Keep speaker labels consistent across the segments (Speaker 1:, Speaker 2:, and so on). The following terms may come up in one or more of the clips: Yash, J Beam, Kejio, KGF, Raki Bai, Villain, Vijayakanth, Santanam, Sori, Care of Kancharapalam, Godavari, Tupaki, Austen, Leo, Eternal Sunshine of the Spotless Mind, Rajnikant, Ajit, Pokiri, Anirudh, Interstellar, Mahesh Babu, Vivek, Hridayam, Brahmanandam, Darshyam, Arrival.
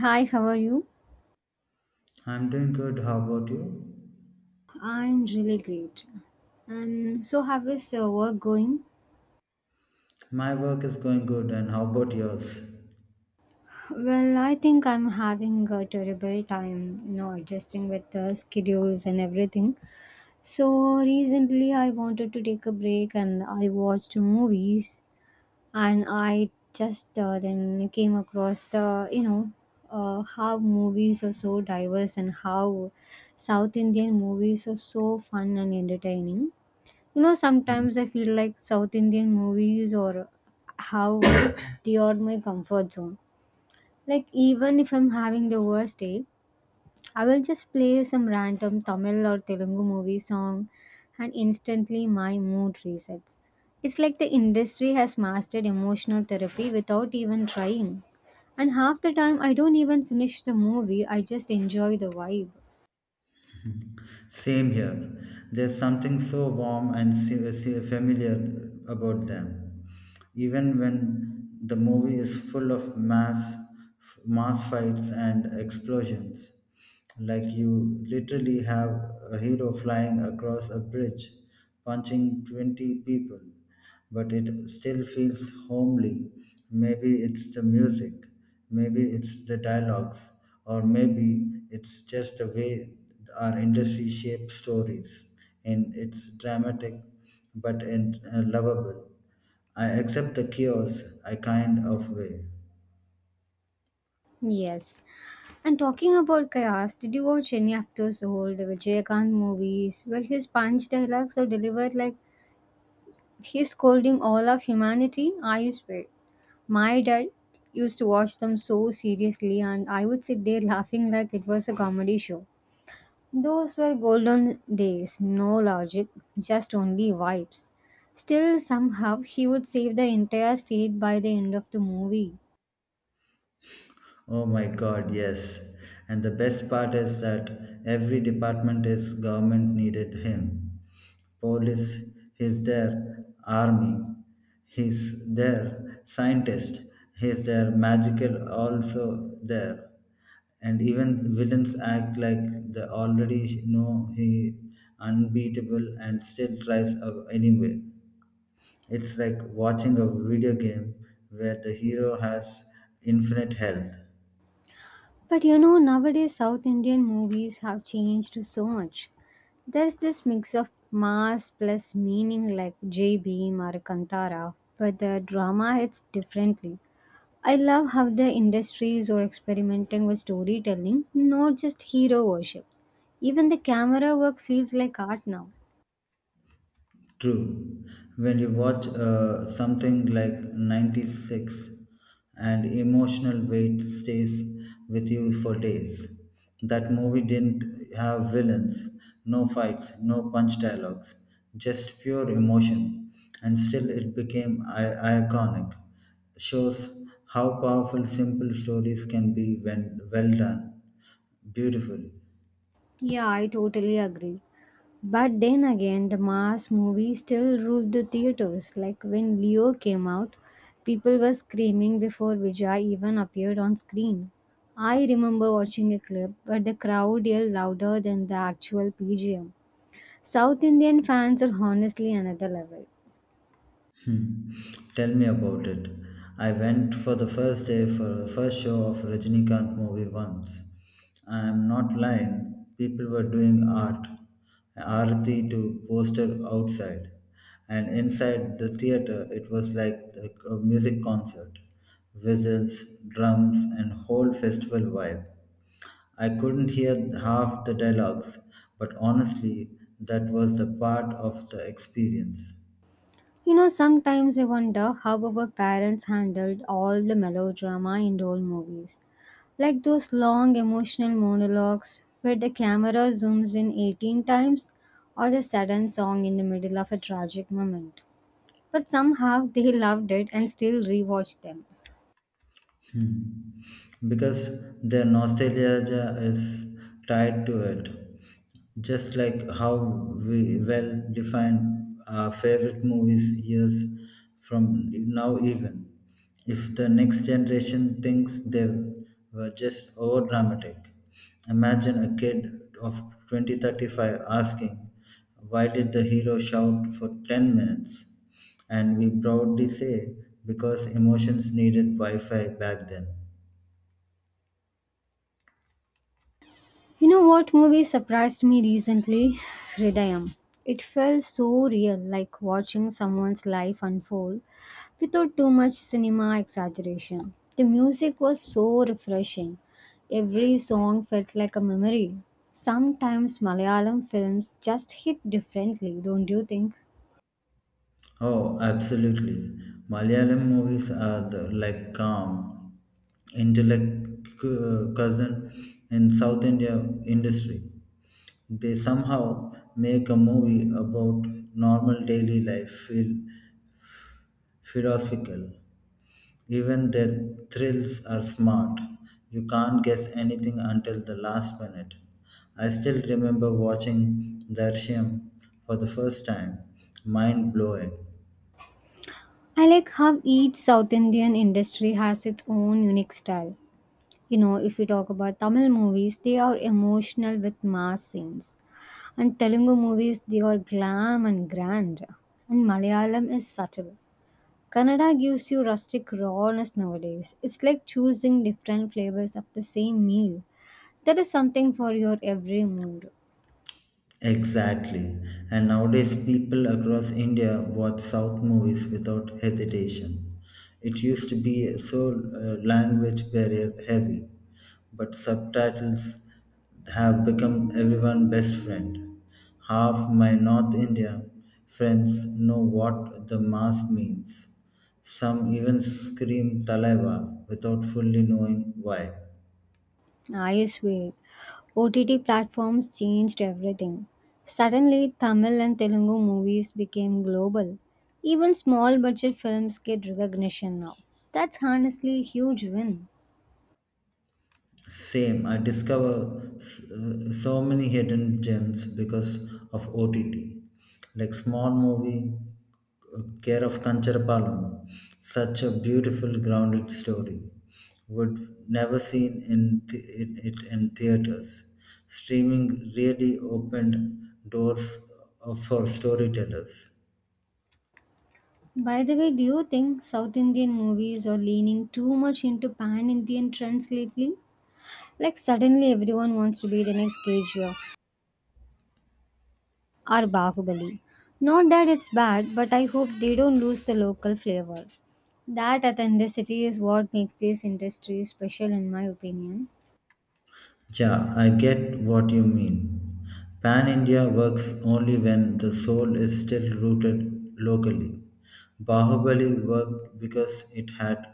Speaker 1: Hi, how are you?
Speaker 2: I'm doing good. How about you?
Speaker 1: I'm really great. And so, how is work going?
Speaker 2: My work is going good, and how about yours?
Speaker 1: Well, I think I'm having a terrible time, you know, adjusting with the schedules and everything. So, recently I wanted to take a break and I watched movies and I just then came across how movies are so diverse and how South Indian movies are so fun and entertaining. You know, sometimes I feel like South Indian movies or how they are my comfort zone. Like, even if I'm having the worst day, I will just play some random Tamil or Telugu movie song and instantly my mood resets. It's like the industry has mastered emotional therapy without even trying. And half the time, I don't even finish the movie, I just enjoy the vibe.
Speaker 2: Same here. There's something so warm and familiar about them. Even when the movie is full of mass fights and explosions, like you literally have a hero flying across a bridge, punching 20 people but it still feels homely. Maybe it's the music, maybe it's the dialogues, or maybe it's just the way our industry shapes stories. And it's dramatic, but and lovable. I accept the chaos, I kind of way.
Speaker 1: Yes. And talking about chaos, did you watch any of those old Vijayakanth movies where his punch dialogues are delivered like he's scolding all of humanity? I swear. My dad used to watch them so seriously, and I would sit there laughing like it was a comedy show. Those were golden days, no logic, just only vibes. Still, somehow, he would save the entire state by the end of the movie.
Speaker 2: Oh my god, yes. And the best part is that every department is government needed him. Police, he's there. Army, he's there. Scientist, he's there. Magical, also there. And even villains act like they already know he unbeatable and still tries anyway. It's like watching a video game where the hero has infinite health.
Speaker 1: But you know, nowadays South Indian movies have changed so much. There's this mix of mass plus meaning like J Beam or Kantara, but the drama hits differently. I love how the industries are experimenting with storytelling, not just hero worship. Even the camera work feels like art now.
Speaker 2: True. When you watch something like 96 and emotional weight stays with you for days. That movie didn't have villains, no fights, no punch dialogues, just pure emotion. And still it became iconic. Shows how powerful simple stories can be when well done beautifully.
Speaker 1: Yeah, I totally agree. But then again, the mass movie still ruled the theaters. Like when Leo came out, people were screaming before Vijay even appeared on screen. I remember watching a clip where the crowd yelled louder than the actual PGM. South Indian fans are honestly another level.
Speaker 2: Hmm. Tell me about it. I went for the first day for first show of Rajnikant movie once. I am not lying. People were doing arati to poster outside, and inside the theater it was like a music concert, whistles, drums, and whole festival vibe. I couldn't hear half the dialogues, but honestly, that was the part of the experience.
Speaker 1: You know, sometimes I wonder how our parents handled all the melodrama in old movies. Like those long emotional monologues where the camera zooms in 18 times or the sudden song in the middle of a tragic moment. But somehow they loved it and still rewatch them.
Speaker 2: Hmm. Because their nostalgia ja is tied to it. Just like how we well define our favorite movies years from now, even if the next generation thinks they were just over dramatic. Imagine a kid of 2035 asking, why did the hero shout for 10 minutes? And we proudly say, because emotions needed Wi Fi back then.
Speaker 1: You know what movie surprised me recently? Hridayam. It felt so real, like watching someone's life unfold without too much cinema exaggeration. The music was so refreshing. Every song felt like a memory. Sometimes Malayalam films just hit differently, don't you think?
Speaker 2: Oh, absolutely. Malayalam movies are the, like, calm, intellect cousin in South India industry. They somehow make a movie about normal daily life feel philosophical. Even their thrills are smart. You can't guess anything until the last minute. I still remember watching Darshyam for the first time. Mind blowing.
Speaker 1: I like how each South Indian industry has its own unique style. You know, if we talk about Tamil movies, they are emotional with mass scenes. And Telugu movies, they are glam and grand. And Malayalam is subtle. Kannada gives you rustic rawness nowadays. It's like choosing different flavors of the same meal. That is something for your every mood.
Speaker 2: Exactly. And nowadays, people across India watch South movies without hesitation. It used to be so language barrier heavy, but subtitles have become everyone's best friend. Half my North Indian friends know what the mass means. Some even scream Talaiwa without fully knowing why.
Speaker 1: I swear, OTT platforms changed everything. Suddenly, Tamil and Telugu movies became global. Even small budget films get recognition now. That's honestly a huge win.
Speaker 2: Same, I discover so many hidden gems because of OTT. Like small movie, Care of Kancharapalam, such a beautiful grounded story. Would never seen in it in theaters. Streaming really opened doors for storytellers.
Speaker 1: By the way, do you think South Indian movies are leaning too much into pan Indian trends lately? Like, suddenly everyone wants to be the next Kejio or Bahubali. Not that it's bad, but I hope they don't lose the local flavor. That authenticity is what makes this industry special, in my opinion.
Speaker 2: Yeah, I get what you mean. Pan India works only when the soul is still rooted locally. Bahubali worked because it had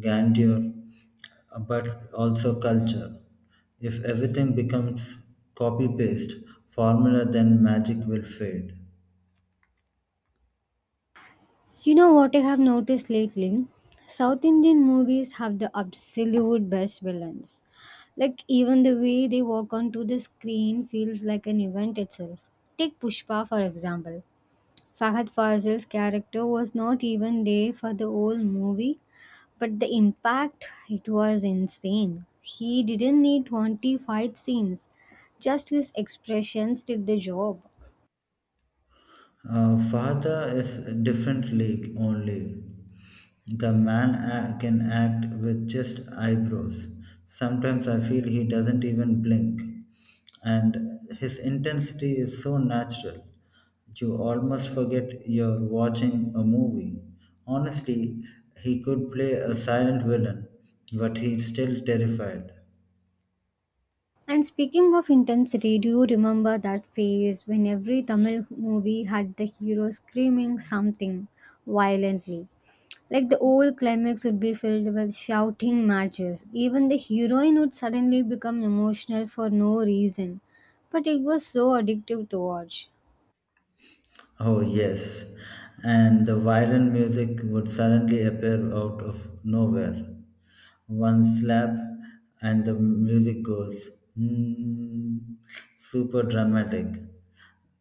Speaker 2: grandeur but also culture. If everything becomes copy paste formula, then magic will fade.
Speaker 1: You know what I have noticed lately? South Indian movies have the absolute best villains. Like even the way they walk onto the screen feels like an event itself. Take Pushpa for example. Fahad Fazil's character was not even there for the whole movie, but the impact it was insane. He didn't need 20 fight scenes. Just his expressions did the job.
Speaker 2: Father is a different league only. The man can act with just eyebrows. Sometimes I feel he doesn't even blink. And his intensity is so natural. You almost forget you're watching a movie. Honestly, he could play a silent villain, but he's still terrified.
Speaker 1: And speaking of intensity, do you remember that phase when every Tamil movie had the hero screaming something violently? Like the old climax would be filled with shouting matches. Even the heroine would suddenly become emotional for no reason. But it was so addictive to watch.
Speaker 2: Oh, yes. And the violin music would suddenly appear out of nowhere. One slap, and the music goes, hmm, super dramatic.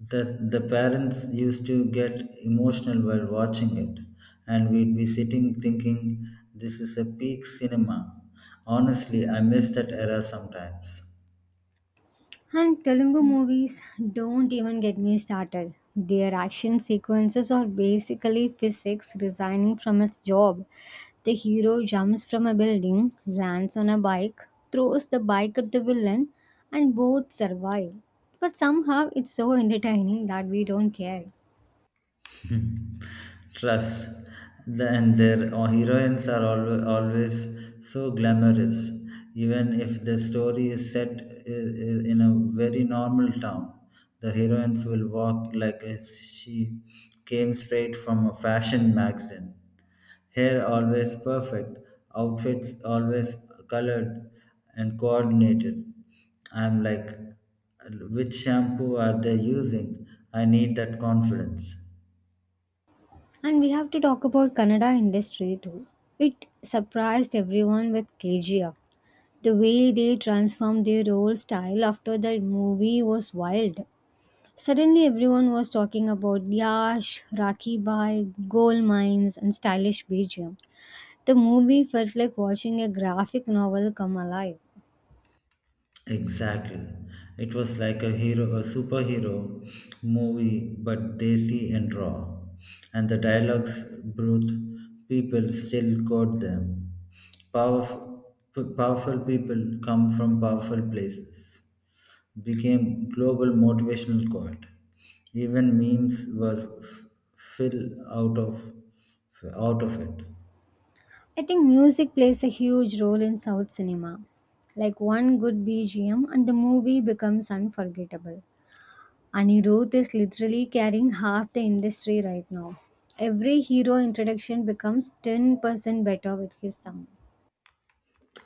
Speaker 2: The parents used to get emotional while watching it, and we'd be sitting thinking, this is a peak cinema. Honestly, I miss that era sometimes.
Speaker 1: And Telugu movies don't even get me started. Their action sequences are basically physics resigning from its job. The hero jumps from a building, lands on a bike, throws the bike at the villain, and both survive. But somehow it's so entertaining that we don't care.
Speaker 2: Trust. And their heroines are always always so glamorous, even if the story is set in a very normal town. The heroines will walk like as she came straight from a fashion magazine. Hair always perfect, outfits always colored and coordinated. I'm like, which shampoo are they using? I need that confidence.
Speaker 1: And we have to talk about Kannada industry too. It surprised everyone with KGF. The way they transformed their role style after the movie was wild. Suddenly everyone was talking about Yash, Raki Bai, gold mines and stylish BGM. The movie felt like watching a graphic novel come alive.
Speaker 2: Exactly. It was like a hero, a superhero movie, but desi and raw. And the dialogues, brute people still quote them. Powerful, powerful people come from powerful places. Became global motivational quote. Even memes were fill out of it.
Speaker 1: I think music plays a huge role in South cinema. Like one good BGM and the movie becomes unforgettable. Anirudh is literally carrying half the industry right now. Every hero introduction becomes 10% better with his song.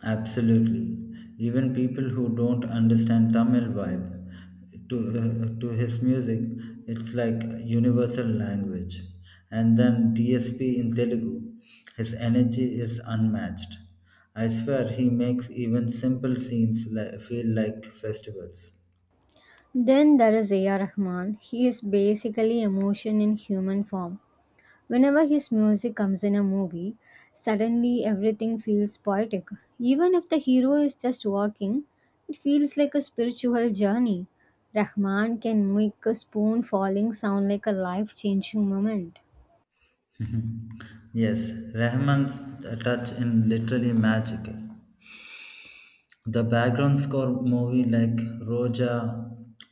Speaker 2: Absolutely. Even people who don't understand Tamil vibe to his music, it's like a universal language. And then DSP in Telugu, his energy is unmatched. I swear he makes even simple scenes feel like festivals.
Speaker 1: Then there is A.R. Rahman. He is basically emotion in human form. Whenever his music comes in a movie, suddenly everything feels poetic. Even if the hero is just walking, it feels like a spiritual journey. Rahman can make a spoon falling sound like a life changing moment.
Speaker 2: Yes, Rahman's touch in literally magical. The background score movie like Roja,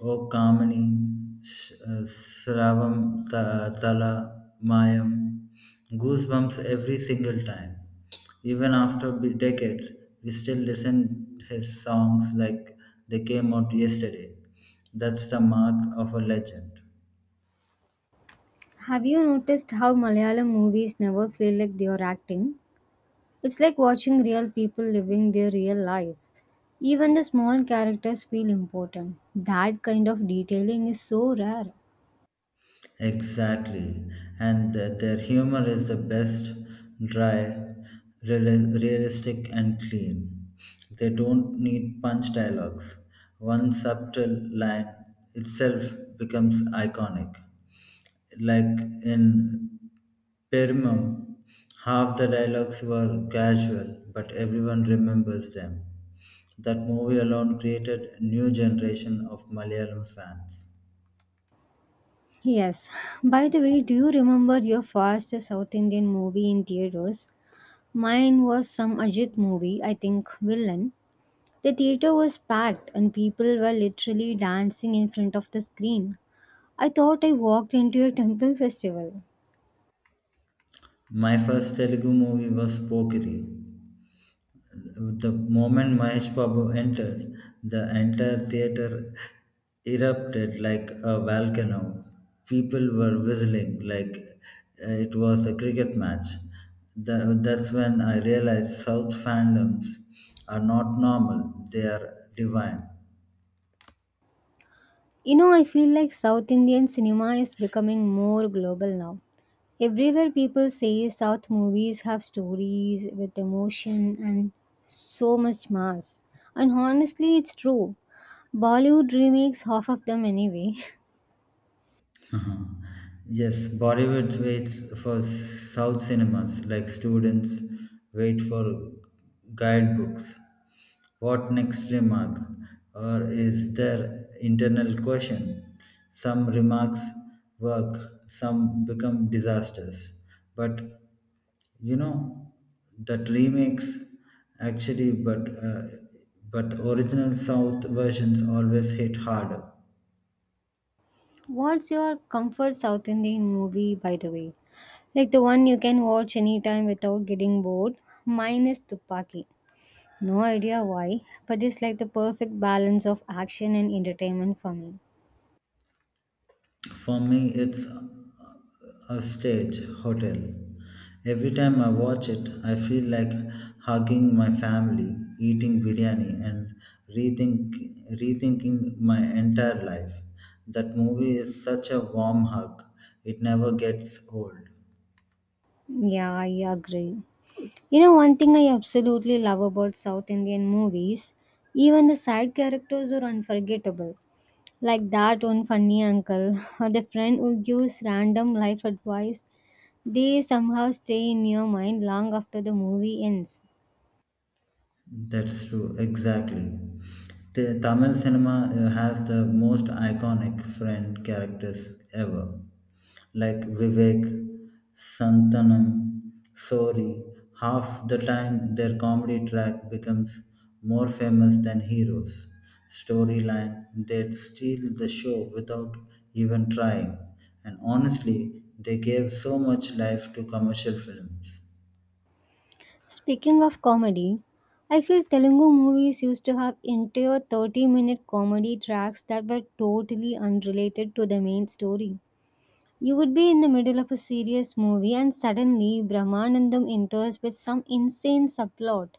Speaker 2: O Kamini, Shravam Tala Mayam, goosebumps every single time. Even after decades, we still listen his songs like they came out yesterday. That's the mark of a legend.
Speaker 1: Have you noticed how Malayalam movies never feel like they are acting? It's like watching real people living their real life. Even the small characters feel important. That kind of detailing is so rare.
Speaker 2: Exactly. And their humor is the best, dry, realistic, and clean. They don't need punch dialogues. One subtle line itself becomes iconic. Like in Permum, half the dialogues were casual, but everyone remembers them. That movie alone created a new generation of Malayalam fans.
Speaker 1: Yes. By the way, do you remember your first South Indian movie in theaters? Mine was some Ajit movie, I think Villain. The theater was packed and people were literally dancing in front of the screen. I thought I walked into a temple festival.
Speaker 2: My first Telugu movie was Pokiri. The moment Mahesh Babu entered, the entire theater erupted like a volcano. People were whistling like it was a cricket match. That's when I realized South fandoms are not normal, they are divine.
Speaker 1: You know, I feel like South Indian cinema is becoming more global now. Everywhere people say South movies have stories with emotion and so much mass. And honestly, it's true. Bollywood remakes, half of them anyway.
Speaker 2: Uh-huh. Yes, Bollywood waits for South cinemas like students wait for guidebooks. What next remark? Or is there internal question? Some remarks work, some become disasters. But you know that remakes actually, but original South versions always hit harder.
Speaker 1: What's your comfort South Indian movie, by the way? Like the one you can watch anytime without getting bored? Mine is Tupaki. No idea why, but it's like the perfect balance of action and entertainment for me.
Speaker 2: For me, it's a stage hotel. Every time I watch it, I feel like hugging my family, eating biryani, and rethink, rethinking my entire life. That movie is such a warm hug, it never gets old.
Speaker 1: Yeah, I agree. You know, one thing I absolutely love about South Indian movies, even the side characters are unforgettable. Like that one funny uncle or the friend who gives random life advice. They somehow stay in your mind long after the movie ends.
Speaker 2: That's true, exactly. The Tamil cinema has the most iconic friend characters ever, like Vivek, Santanam, Sori. Half the time, their comedy track becomes more famous than heroes. Storyline, they steal the show without even trying, and honestly, they gave so much life to commercial films.
Speaker 1: Speaking of comedy, I feel Telugu movies used to have entire 30-minute minute comedy tracks that were totally unrelated to the main story. You would be in the middle of a serious movie and suddenly Brahmanandam enters with some insane subplot,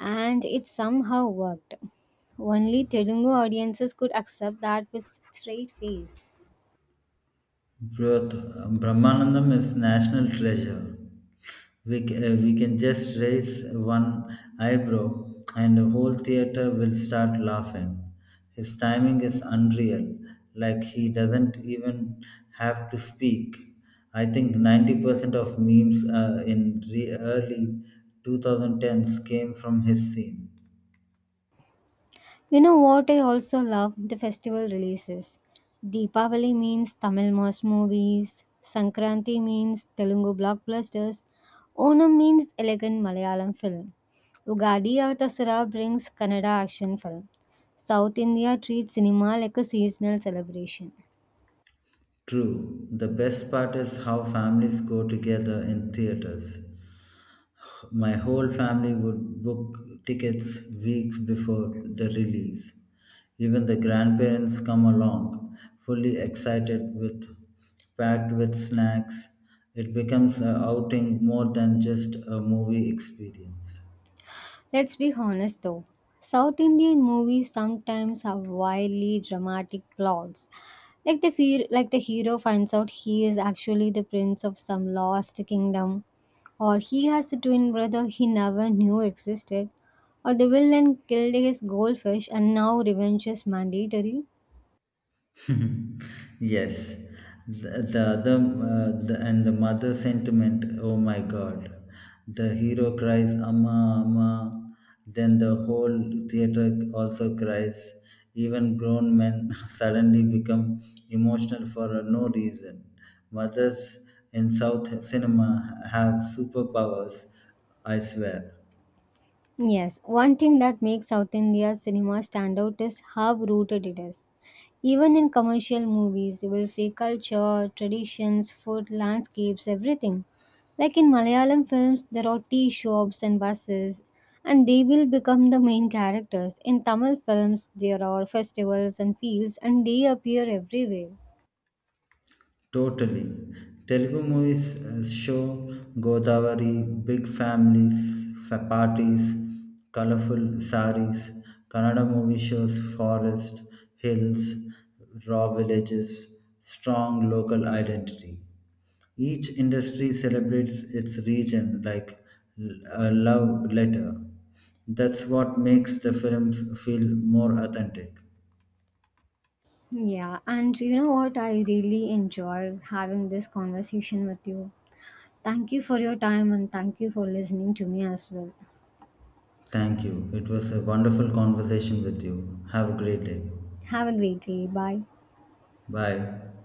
Speaker 1: and it somehow worked. Only Telugu audiences could accept that with straight face.
Speaker 2: Broth, Brahmanandam is national treasure. We can just raise one eyebrow and the whole theater will start laughing. His timing is unreal, like he doesn't even have to speak. I think 90% of memes in the early 2010s came from his scene.
Speaker 1: You know what I also love? The festival releases. Deepavali means Tamil mass movies, Sankranti means Telugu blockbusters, Onam means elegant Malayalam film. Ugadi or Dasara brings Kannada action film. South India treats cinema like a seasonal celebration.
Speaker 2: True, the best part is how families go together in theaters. My whole family would book tickets weeks before the release. Even the grandparents come along, fully excited with packed with snacks. It becomes an outing more than just a movie experience.
Speaker 1: Let's be honest though, South Indian movies sometimes have wildly dramatic plots. Like the fear, like the hero finds out he is actually the prince of some lost kingdom, or he has a twin brother he never knew existed, or the villain killed his goldfish and now revenge is mandatory.
Speaker 2: Yes, and the mother sentiment. Oh my God, the hero cries "Amma, Amma," then the whole theater also cries. Even grown men suddenly become emotional for no reason. Mothers in South cinema have superpowers, I swear.
Speaker 1: Yes, one thing that makes South India's cinema stand out is how rooted it is. Even in commercial movies, you will see culture, traditions, food, landscapes, everything. Like in Malayalam films, there are tea shops and buses, and they will become the main characters. In Tamil films, there are festivals and fields, and they appear everywhere.
Speaker 2: Totally. Telugu movies show Godavari, big families, parties, colorful saris. Kannada movie shows forest, hills, raw villages, strong local identity. Each industry celebrates its region like l- a love letter. That's what makes the films feel more authentic.
Speaker 1: Yeah, and you know what? I really enjoy having this conversation with you. Thank you for your time and thank you for listening to me as well.
Speaker 2: Thank you. It was a wonderful conversation with you. Have a great day.
Speaker 1: Have a great day. Bye.
Speaker 2: Bye.